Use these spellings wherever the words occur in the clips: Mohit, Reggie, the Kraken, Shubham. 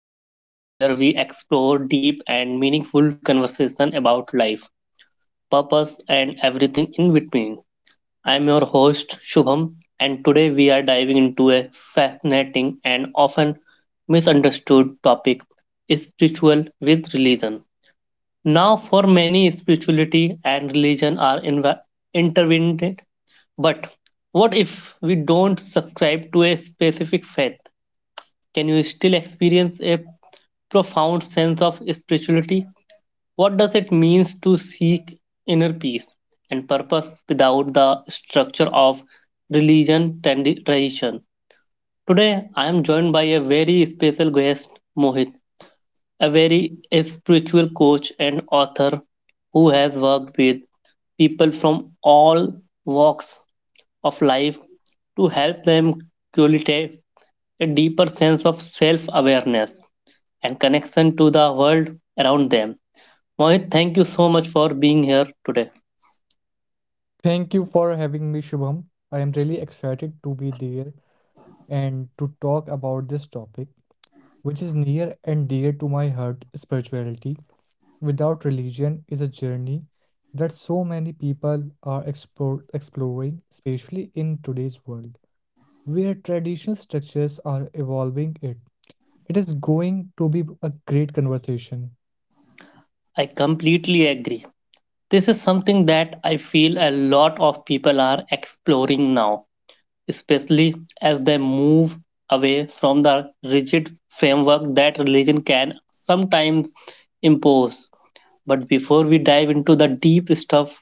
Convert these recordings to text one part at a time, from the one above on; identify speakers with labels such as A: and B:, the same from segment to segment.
A: The podcast where we explore deep and meaningful conversation about life, purpose, and everything in between. I'm your host, Shubham, and today we are diving into a fascinating and often misunderstood topic, spiritual with religion. Now, for many, spirituality and religion are intertwined, but what if we don't subscribe to a specific faith? Can you still experience a profound sense of spirituality? What does it mean to seek inner peace and purpose without the structure of religion, tradition? Today, I am joined by a very special guest, Mohit, a spiritual coach and author who has worked with people from all walks of life to help them cultivate a deeper sense of self awareness and connection to the world around them. Mohit, thank you so much for being here today.
B: Thank you for having me, Shubham. I am really excited to be there and to talk about this topic, which is near and dear to my heart. Spirituality without religion is a journey that so many people are exploring, especially in today's world, where traditional structures are evolving it. It is going to be a great conversation.
A: I completely agree. This is something that I feel a lot of people are exploring now, especially as they move away from the rigid framework that religion can sometimes impose. But before we dive into the deep stuff,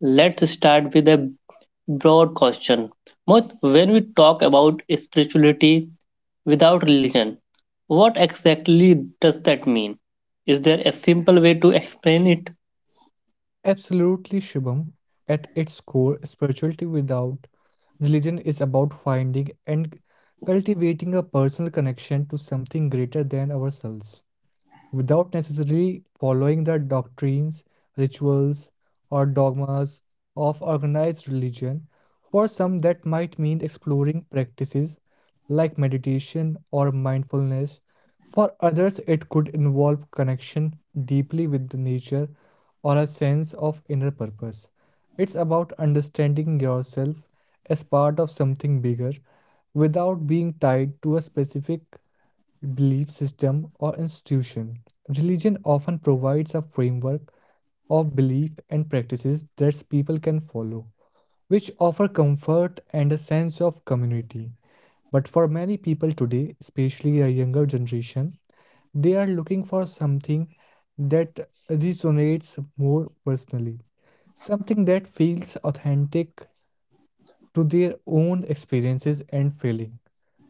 A: let's start with a broad question. But when we talk about spirituality without religion, what exactly does that mean? Is there a simple way to explain it?
B: Absolutely, Shibam. At its core, spirituality without religion is about finding and cultivating a personal connection to something greater than ourselves without necessarily following the doctrines, rituals, or dogmas of organized religion. For some, that might mean exploring practices like meditation or mindfulness. For others, it could involve connection deeply with the nature or a sense of inner purpose. It's about understanding yourself as part of something bigger without being tied to a specific belief system, or institution. Religion often provides a framework of belief and practices that people can follow, which offer comfort and a sense of community. But for many people today, especially a younger generation, they are looking for something that resonates more personally, something that feels authentic to their own experiences and feeling.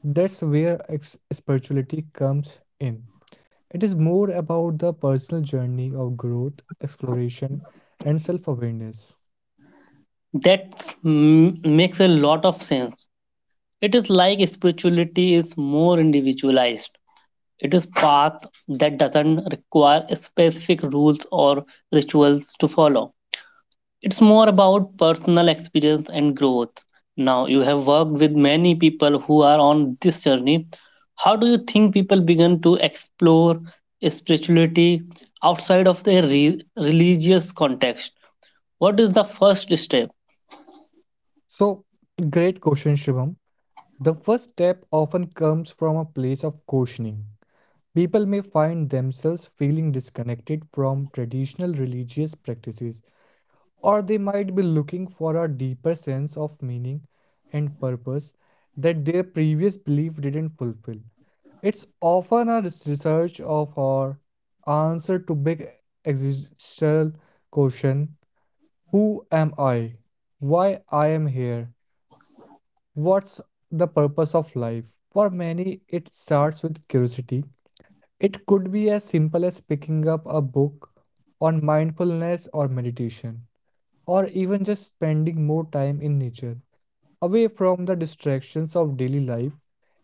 B: That's where spirituality comes in. It is more about the personal journey of growth, exploration, and self awareness.
A: That makes a lot of sense. It is like spirituality is more individualized. It is path that doesn't require specific rules or rituals to follow. It's more about personal experience and growth. Now, you have worked with many people who are on this journey. How do you think people begin to explore spirituality outside of their religious context? What is the first step?
B: So, great question, Shivam. The first step often comes from a place of questioning. People may find themselves feeling disconnected from traditional religious practices, or they might be looking for a deeper sense of meaning and purpose that their previous belief didn't fulfill. It's often a research of or answer to big existential question: who am I? Why I am here? What's the purpose of life? For many, it starts with curiosity. It could be as simple as picking up a book on mindfulness or meditation, or even just spending more time in nature. Away from the distractions of daily life,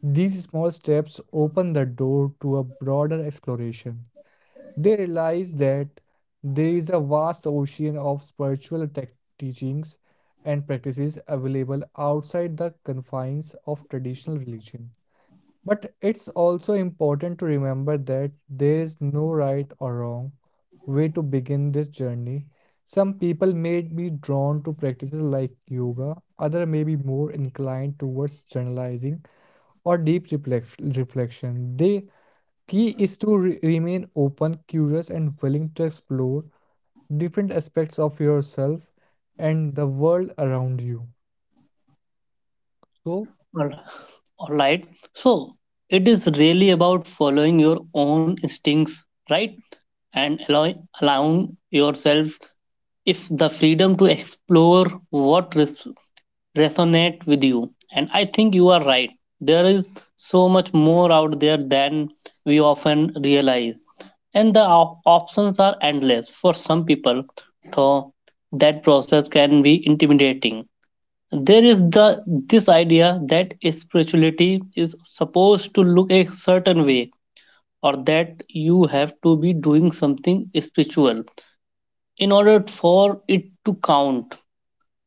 B: these small steps open the door to a broader exploration. They realize that there is a vast ocean of spiritual tech teachings and practices available outside the confines of traditional religion. But it's also important to remember that there is no right or wrong way to begin this journey. Some people may be drawn to practices like yoga, others may be more inclined towards journalizing or deep reflection. The key is to remain open, curious, and willing to explore different aspects of yourself and the world around you. So,
A: All all right. So, it is really about following your own instincts, right? And allowing yourself if the freedom to explore what resonate with you. And I think you are right. There is so much more out there than we often realize. And the options are endless for some people, though that process can be intimidating. There is the this idea that spirituality is supposed to look a certain way or that you have to be doing something spiritual in order for it to count.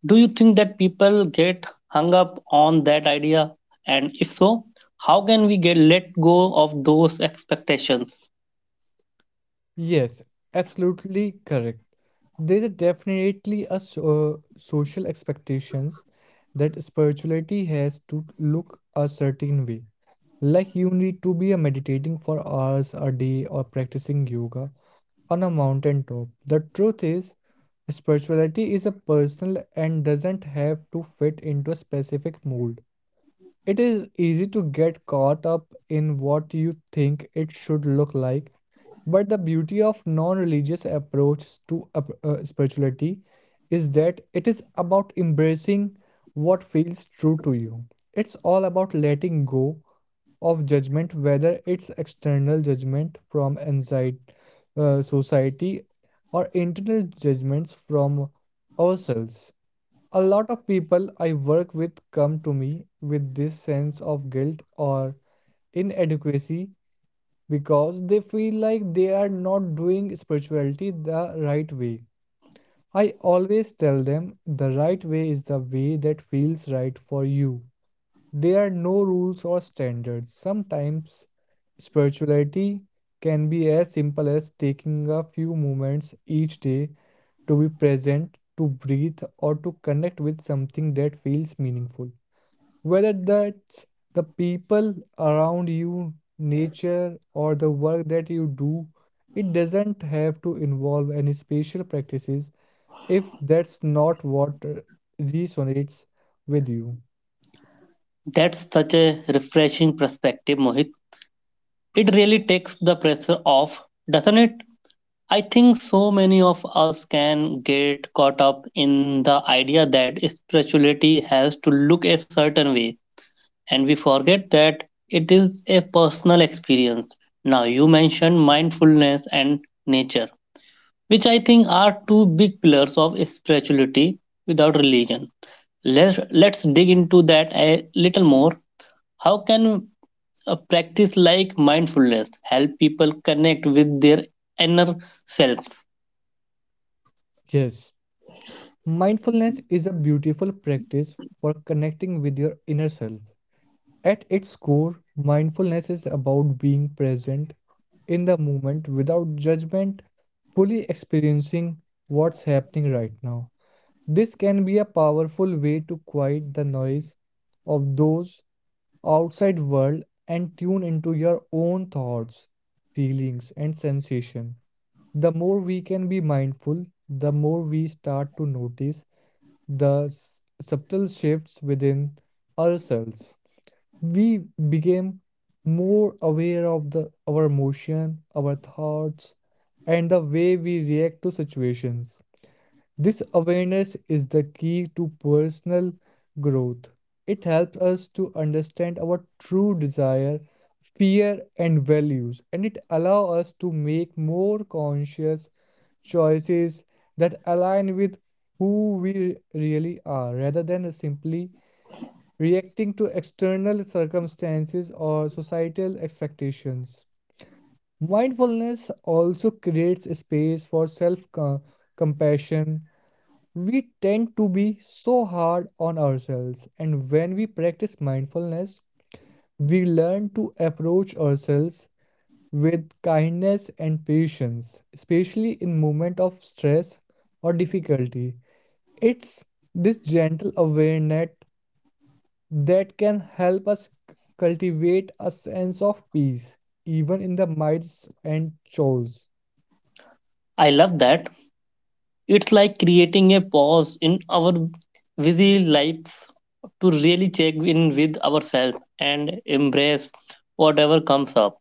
A: Do you think that people get hung up on that idea? And if so, how can we get let go of those expectations?
B: yes, absolutely correct. There is definitely a social expectations that spirituality has to look a certain way. Like you need to be a meditating for hours a day or practicing yoga on a mountain top. The truth is, spirituality is a personal and doesn't have to fit into a specific mold. It is easy to get caught up in what you think it should look like, but the beauty of non-religious approach to spirituality is that it is about embracing what feels true to you. It's all about letting go of judgment, whether it's external judgment from anxiety, society, or internal judgments from ourselves. A lot of people I work with come to me with this sense of guilt or inadequacy because they feel like they are not doing spirituality the right way. I always tell them the right way is the way that feels right for you. There are no rules or standards. Sometimes spirituality can be as simple as taking a few moments each day to be present, to breathe, or to connect with something that feels meaningful. Whether that's the people around you, nature, or the work that you do, it doesn't have to involve any special practices if that's not what resonates with you.
A: That's such a refreshing perspective, Mohit. It really takes the pressure off, doesn't it? I think so many of us can get caught up in the idea that spirituality has to look a certain way, and we forget that it is a personal experience. Now, you mentioned mindfulness and nature, which I think are two big pillars of spirituality without religion. Let's dig into that a little more. How can a practice like mindfulness help people connect with their inner self?
B: Yes, mindfulness is a beautiful practice for connecting with your inner self. At its core, mindfulness is about being present in the moment without judgment, fully experiencing what's happening right now. This can be a powerful way to quiet the noise of those outside world and tune into your own thoughts, feelings and sensation. The more we can be mindful, the more we start to notice the subtle shifts within ourselves. We became more aware of the our emotion, our thoughts, and the way we react to situations. This awareness is the key to personal growth. It helps us to understand our true desire, fear, and values, and it allows us to make more conscious choices that align with who we really are rather than simply reacting to external circumstances or societal expectations. Mindfulness also creates a space for self compassion. We tend to be so hard on ourselves, and when we practice mindfulness, we learn to approach ourselves with kindness and patience, especially in moments of stress or difficulty. It's this gentle awareness that can help us cultivate a sense of peace, even in the midst and chores.
A: I love that. It's like creating a pause in our busy life to really check in with ourselves and embrace whatever comes up,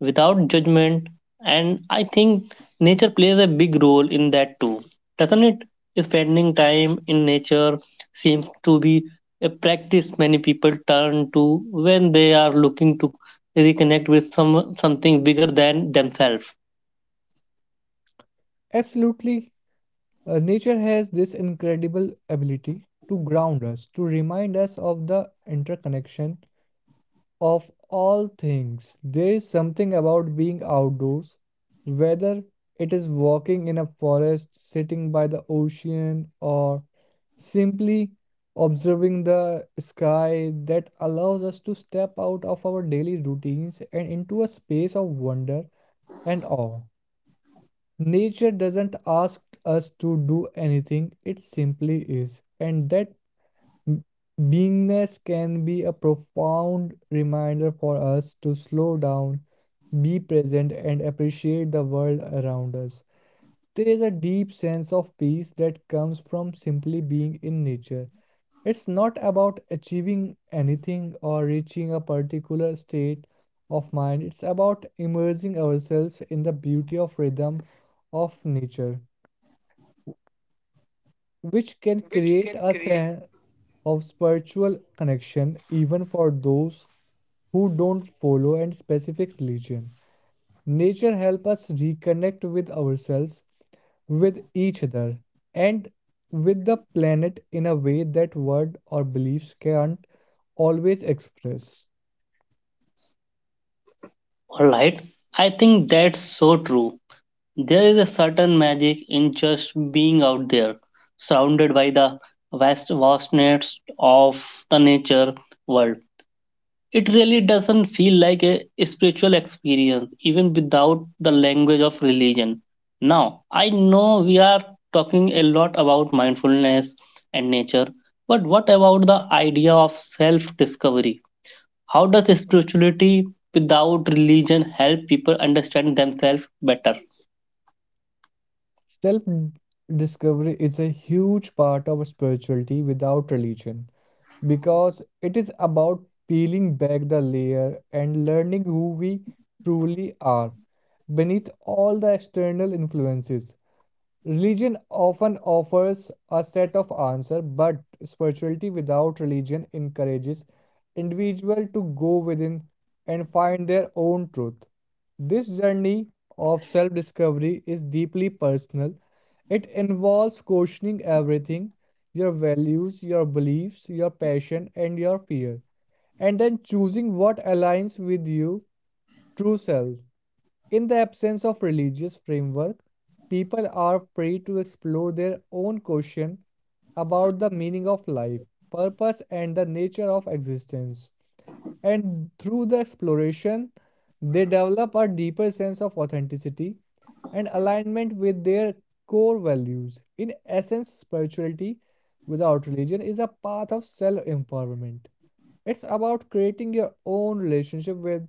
A: without judgment. And I think nature plays a big role in that too, doesn't it? Spending time in nature seems to be a practice many people turn to when they are looking to reconnect with something bigger than themselves.
B: Absolutely, nature has this incredible ability to ground us, to remind us of the interconnection of all things. There is something about being outdoors, whether it is walking in a forest, sitting by the ocean, or simply observing the sky, that allows us to step out of our daily routines and into a space of wonder and awe. Nature doesn't ask us to do anything, it simply is. And that M- beingness can be a profound reminder for us to slow down, be present, and appreciate the world around us. There is a deep sense of peace that comes from simply being in nature. It's not about achieving anything or reaching a particular state of mind, it's about immersing ourselves in the beauty of rhythm of nature, which can create a of spiritual connection even for those who don't follow a specific religion. Nature helps us reconnect with ourselves, with each other, and with the planet in a way that word or beliefs can't always express.
A: Alright, I think that's so true. There is a certain magic in just being out there, surrounded by the vastness of the nature world. It really doesn't feel like a spiritual experience, even without the language of religion. Now, I know we are talking a lot about mindfulness and nature, but what about the idea of self discovery? How does spirituality without religion help people understand themselves better?
B: Self discovery is a huge part of spirituality without religion, because it is about peeling back the layer and learning who we truly are beneath all the external influences. Religion often offers a set of answers, but spirituality without religion encourages individual to go within and find their own truth. This journey of self-discovery is deeply personal. It involves questioning everything, your values, your beliefs, your passion, and your fear, and then choosing what aligns with your true self. In the absence of religious framework, people are free to explore their own question about the meaning of life, purpose, and the nature of existence. And through the exploration, they develop a deeper sense of authenticity and alignment with their core values. In essence, spirituality without religion is a path of self empowerment. It's about creating your own relationship with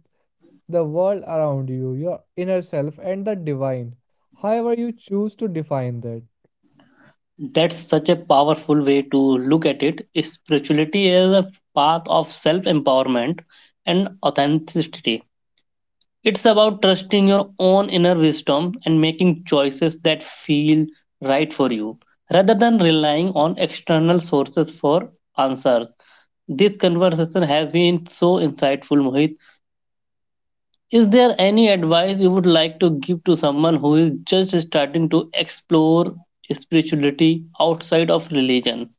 B: the world around you, your inner self, and the divine, however you choose to define that.
A: That's such a powerful way to look at it. Spirituality is a path of self empowerment and authenticity. It's about trusting your own inner wisdom and making choices that feel right for you rather than relying on external sources for answers. This conversation has been so insightful, Mohit. Is there any advice you would like to give to someone who is just starting to explore spirituality outside of religion?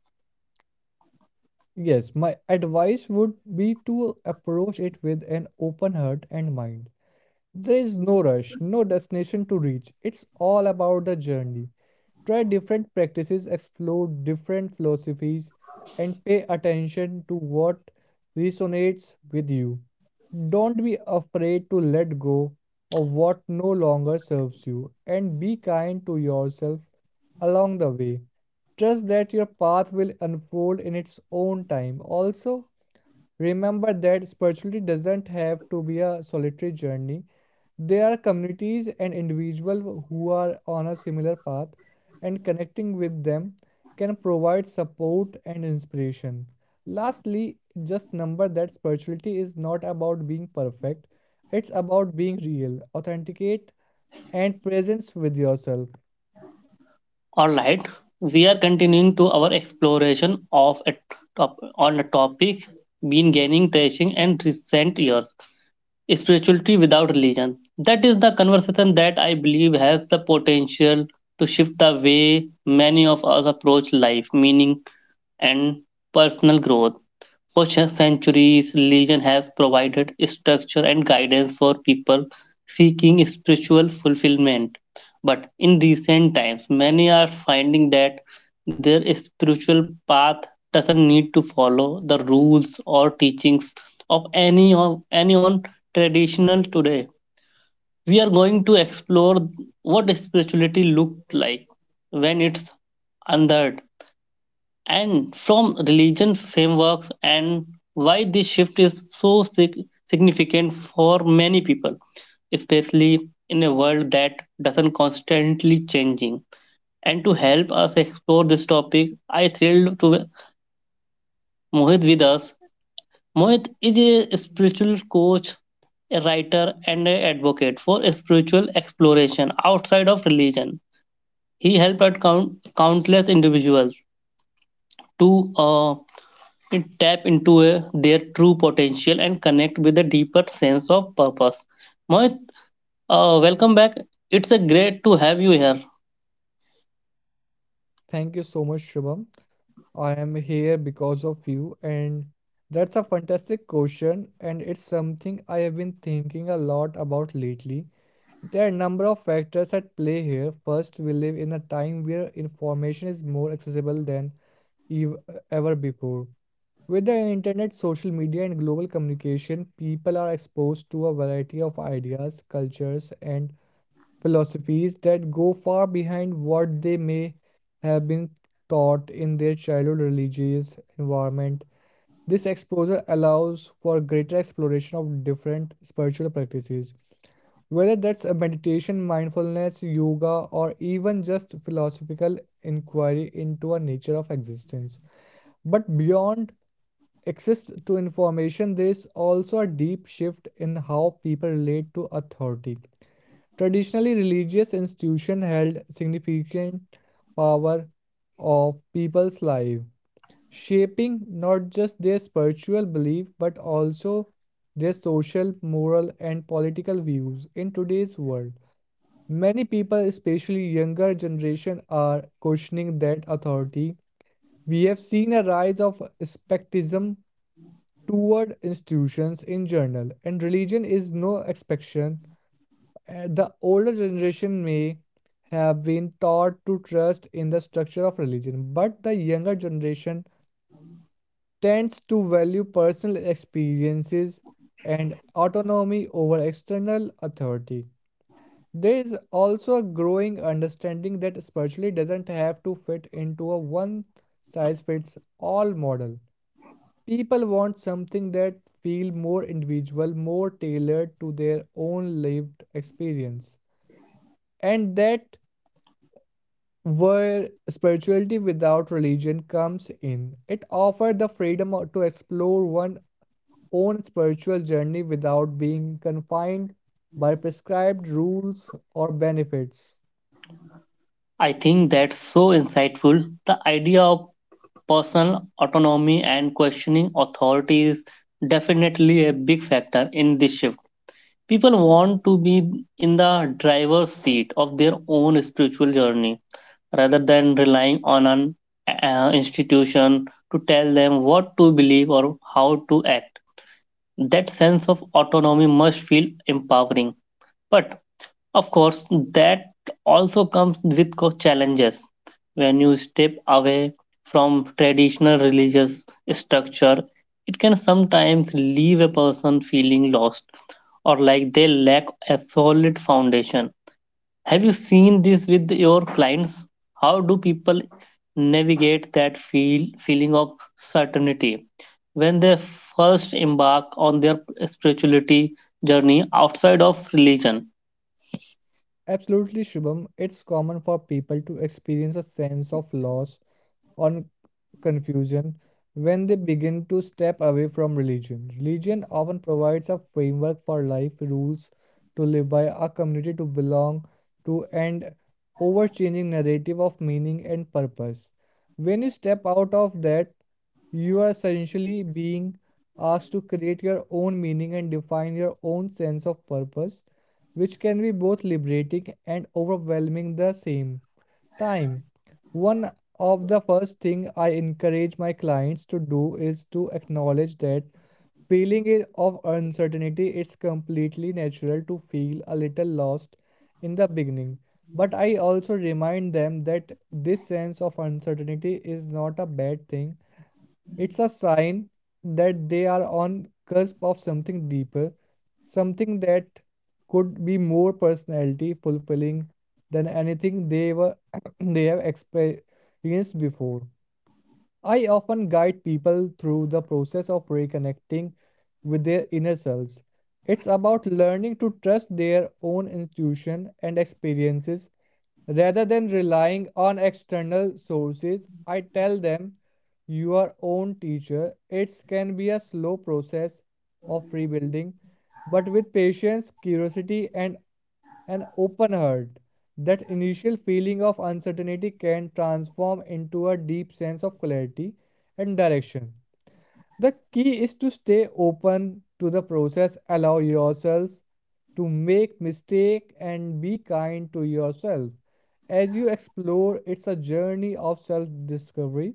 B: Yes, my advice would be to approach it with an open heart and mind. There is no rush, no destination to reach. It's all about the journey. Try different practices, explore different philosophies, and pay attention to what resonates with you. Don't be afraid to let go of what no longer serves you and be kind to yourself along the way. Trust that your path will unfold in its own time. Also, remember that spirituality doesn't have to be a solitary journey. There are communities and individuals who are on a similar path, and connecting with them can provide support and inspiration. Lastly, just number that spirituality is not about being perfect, it's about being real, authenticate, and presence with yourself.
A: All right, we are continuing to our exploration of a top, on a topic been gaining traction in recent years: spirituality without religion. That is the conversation that I believe has the potential to shift the way many of us approach life, meaning, and personal growth. For centuries, religion has provided structure and guidance for people seeking spiritual fulfillment. But in recent times, many are finding that their spiritual path doesn't need to follow the rules or teachings of any on traditional today. We are going to explore what spirituality looked like when it's unheard and from religion frameworks and why this shift is so significant for many people, especially in a world that doesn't constantly changing. And to help us explore this topic, I thrilled to have Mohit with us. Mohit is a spiritual coach, a writer, and an advocate for spiritual exploration outside of religion. He helped out countless individuals to uh, it tap into their true potential and connect with a deeper sense of purpose. Mohit, welcome back. It's a great to have you here.
B: Thank you so much, Shubham. I am here because of you, and that's a fantastic question, and it's something I have been thinking a lot about lately. There are a number of factors at play here. First, we live in a time where information is more accessible than ev- ever before. With the internet, social media, and global communication, people are exposed to a variety of ideas, cultures, and philosophies that go far behind what they may have been taught in their childhood religious environment. This exposure allows for greater exploration of different spiritual practices, whether that's a meditation, mindfulness, yoga, or even just philosophical inquiry into a nature of existence. But beyond access to information, there is also a deep shift in how people relate to authority. Traditionally, religious institutions held significant power of people's lives, shaping not just their spiritual belief but also their social, moral, and political views. In today's world, many people, especially younger generation, are questioning that authority. We have seen a rise of skepticism toward institutions in general, and religion is no exception. The older generation may have been taught to trust in the structure of religion, but the younger generation tends to value personal experiences and autonomy over external authority. There is also a growing understanding that spirituality doesn't have to fit into a one size fits all model. People want something that feel more individual, more tailored to their own lived experience and that where spirituality without religion comes in. It offers the freedom to explore one's own spiritual journey without being confined by prescribed rules or benefits.
A: I think that's so insightful. The idea of personal autonomy and questioning authority is definitely a big factor in this shift. People want to be in the driver's seat of their own spiritual journey rather than relying on an institution to tell them what to believe or how to act. That sense of autonomy must feel empowering. But of course, that also comes with challenges. When you step away from traditional religious structure, it can sometimes leave a person feeling lost or like they lack a solid foundation. Have you seen this with your clients? How do people navigate that feeling of certainty when they first embark on their spirituality journey outside of religion?
B: Absolutely, Shubham, it's common for people to experience a sense of loss on confusion when they begin to step away from religion. Religion often provides a framework for life, rules to live by, a community to belong to, and overchanging narrative of meaning and purpose. When you step out of that, you are essentially being asked to create your own meaning and define your own sense of purpose, which can be both liberating and overwhelming the same. Time. One of the first thing I encourage my clients to do is to acknowledge that feeling i- of uncertainty. It's completely natural to feel a little lost in the beginning. But I also remind them that this sense of uncertainty is not a bad thing. It's a sign that they are on cusp of something deeper, something that could be more personality fulfilling than anything they were they have experienced before. I often guide people through the process of reconnecting with their inner selves. It's about learning to trust their own intuition and experiences rather than relying on external sources. I tell them your own teacher. It can be a slow process of rebuilding, but with patience, curiosity, and an open heart, that initial feeling of uncertainty can transform into a deep sense of clarity and direction. The key is to stay open to the process, allow yourselves to make mistake and be kind to yourself. As you explore, it's a journey of self-discovery,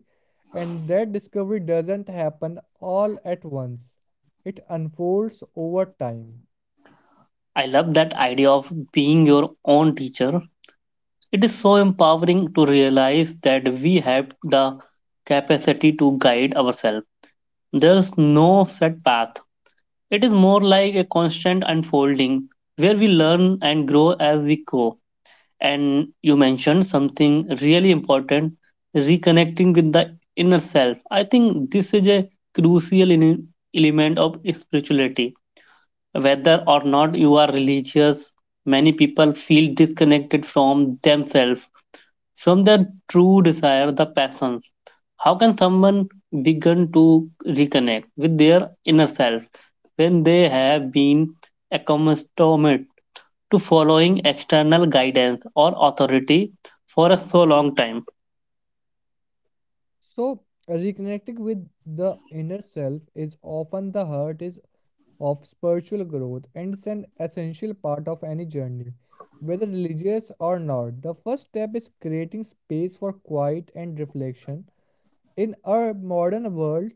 B: and that discovery doesn't happen all at once. It unfolds over time.
A: I love that idea of being your own teacher. It is so empowering to realize that we have the capacity to guide ourselves. There's no set path. It is more like a constant unfolding where we learn and grow as we go. And you mentioned something really important, reconnecting with the inner self. I think this is a crucial element of spirituality. Whether or not you are religious, many people feel disconnected from themselves, from their true desire, the passions. How can someone begin to reconnect with their inner self when they have been accustomed to following external guidance or authority for a so long time?
B: So, reconnecting with the inner self is often the heart is of spiritual growth and is an essential part of any journey, whether religious or not. The first step is creating space for quiet and reflection. In our modern world,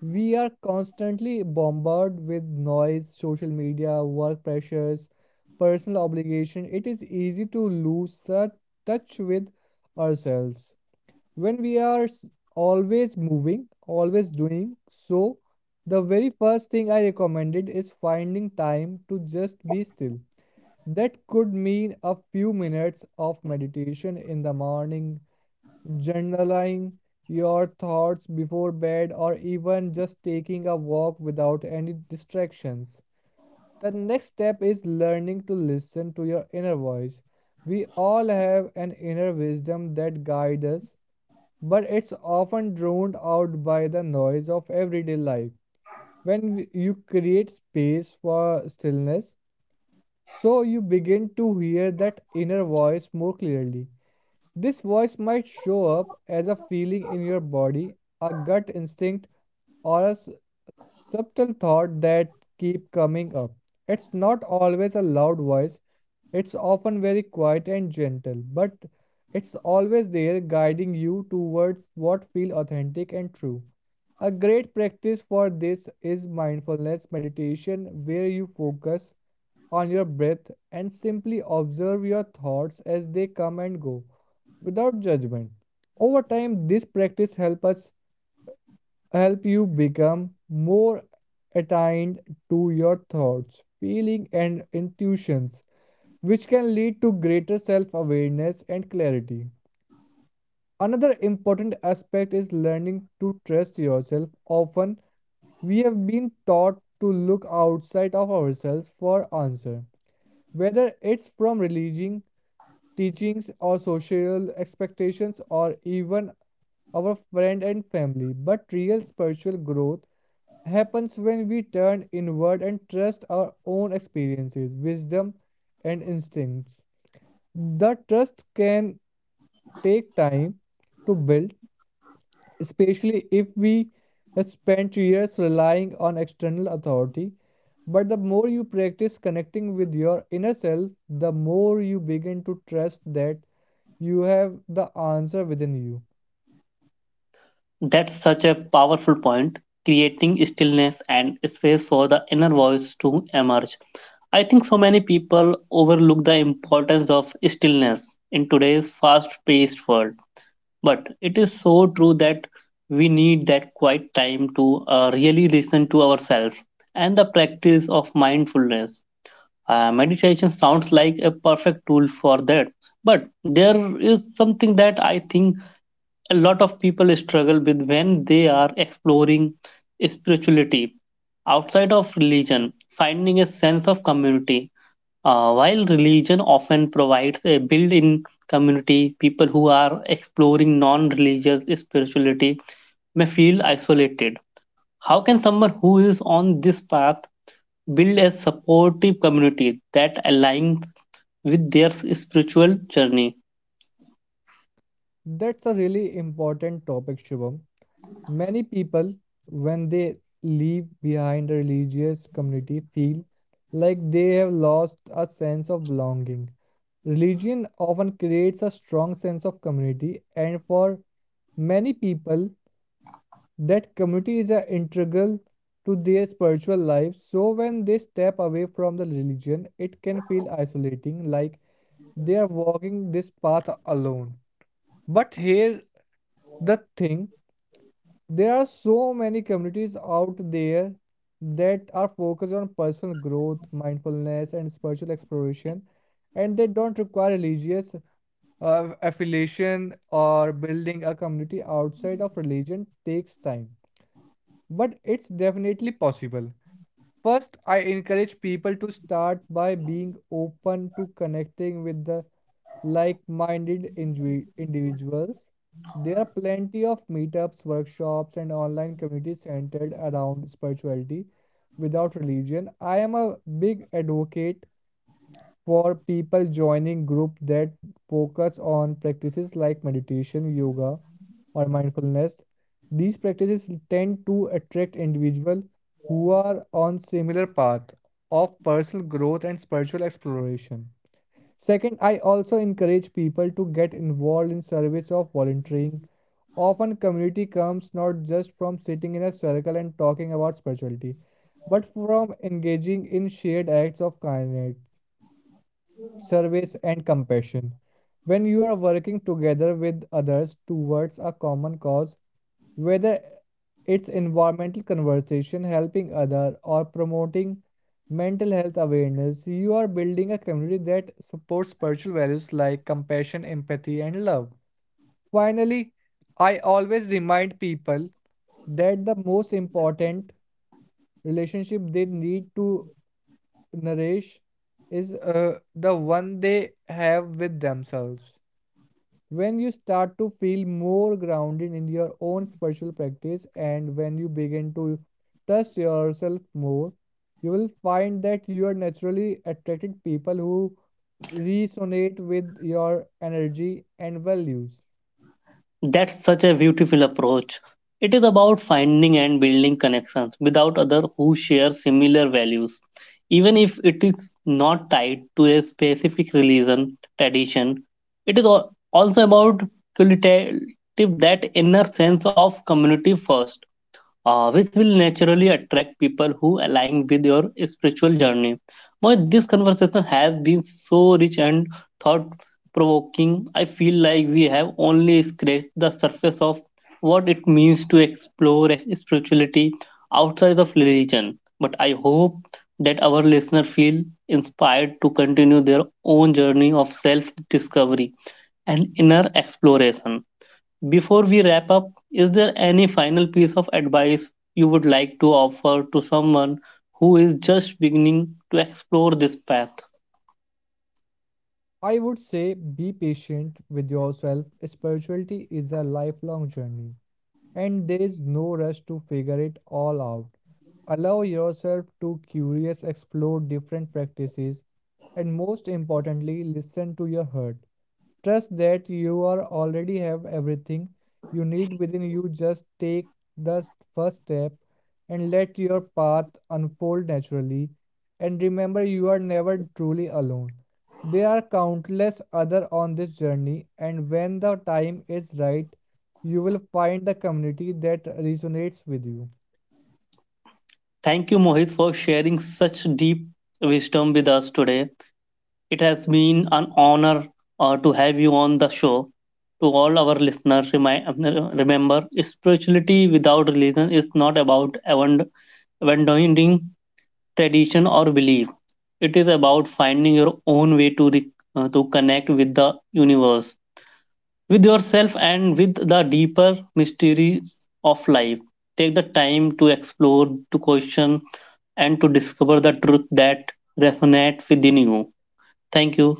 B: we are constantly bombarded with noise, social media, work pressures, personal obligation. It is easy to lose the touch with ourselves when we are always moving, always doing, so the very first thing I recommended is finding time to just be still. That could mean a few minutes of meditation in the morning, journaling your thoughts before bed, or even just taking a walk without any distractions. The next step is learning to listen to your inner voice. We all have an inner wisdom that guides us, but it's often drowned out by the noise of everyday life. When you create space for stillness, so you begin to hear that inner voice more clearly. This voice might show up as a feeling in your body, a gut instinct, or a subtle thought that keep coming up. It's not always a loud voice, it's often very quiet and gentle, but it's always there guiding you towards what feel authentic and true. A great practice for this is mindfulness meditation where you focus on your breath and simply observe your thoughts as they come and go without judgment. Over time this practice help you become more attuned to your thoughts, feelings, and intuitions, which can lead to greater self-awareness and clarity. Another important aspect is learning to trust yourself. Often, we have been taught to look outside of ourselves for answers, whether it's from religion, teachings or social expectations or even our friend and family, but real spiritual growth happens when we turn inward and trust our own experiences, wisdom, and instincts. The trust can take time to build, especially if we spend years relying on external authority. But the more you practice connecting with your inner self, the more you begin to trust that you have the answer within you.
A: That's such a powerful point, creating stillness and space for the inner voice to emerge. I think so many people overlook the importance of stillness in today's fast paced world, but it is so true that we need that quiet time to really listen to ourselves. And the practice of mindfulness meditation sounds like a perfect tool for that. But there is something that I think a lot of people struggle with when they are exploring spirituality outside of religion, finding a sense of community. While religion often provides a built in community, people who are exploring non religious spirituality may feel isolated. How can someone who is on this path build a supportive community that aligns with their spiritual journey?
B: That's a really important topic, Shubham. Many people, when they leave behind a religious community, feel like they have lost a sense of belonging. Religion often creates a strong sense of community, and for many people, that community is a integral to their spiritual life. So, when they step away from the religion, it can feel isolating, like they are walking this path alone. But here, the thing there are so many communities out there that are focused on personal growth, mindfulness, and spiritual exploration, and they don't require religious affiliation or building a community outside of religion takes time, but it's definitely possible. First, I encourage people to start by being open to connecting with the like minded individuals. There are plenty of meetups, workshops, and online communities centered around spirituality without religion. I am a big advocate for people joining groups that focus on practices like meditation, yoga, or mindfulness. These practices tend to attract individuals who are on similar path of personal growth and spiritual exploration. Second, I also encourage people to get involved in service of volunteering. Often, community comes not just from sitting in a circle and talking about spirituality, but from engaging in shared acts of kindness, service, and compassion. When you are working together with others towards a common cause, whether it's environmental conversation, helping other, or promoting mental health awareness, you are building a community that supports spiritual values like compassion, empathy, and love. Finally, I always remind people that the most important relationship they need to nourish is the one they have with themselves. When you start to feel more grounded in your own spiritual practice and when you begin to trust yourself more, you will find that you are naturally attracted people who resonate with your energy and values.
A: That's such a beautiful approach. It is about finding and building connections without others who share similar values. Even if it is not tied to a specific religion tradition, it is also about qualitative that inner sense of community first, which will naturally attract people who align with your spiritual journey. Mohit, this conversation has been so rich and thought provoking. I feel like we have only scratched the surface of what it means to explore spirituality outside of religion. But I hope that our listeners feel inspired to continue their own journey of self discovery and inner exploration. Before we wrap up, is there any final piece of advice you would like to offer to someone who is just beginning to explore this path?
B: I would say be patient with yourself. Spirituality is a lifelong journey, and there is no rush to figure it all out. Allow yourself to curious explore different practices and most importantly listen to your heart. Trust that you are already have everything you need within you. Just take the first step and let your path unfold naturally. And remember, you are never truly alone. There are countless other on this journey, and when the time is right, you will find the community that resonates with you.
A: Thank you, Mohit, for sharing such deep wisdom with us today. It has been an honor to have you on the show. To all our listeners, remember, spirituality without religion is not about abandoning tradition or belief. It is about finding your own way to to connect with the universe, with yourself, and with the deeper mysteries of life. Take the time to explore, to question, and to discover the truth that resonate within you. Thank you.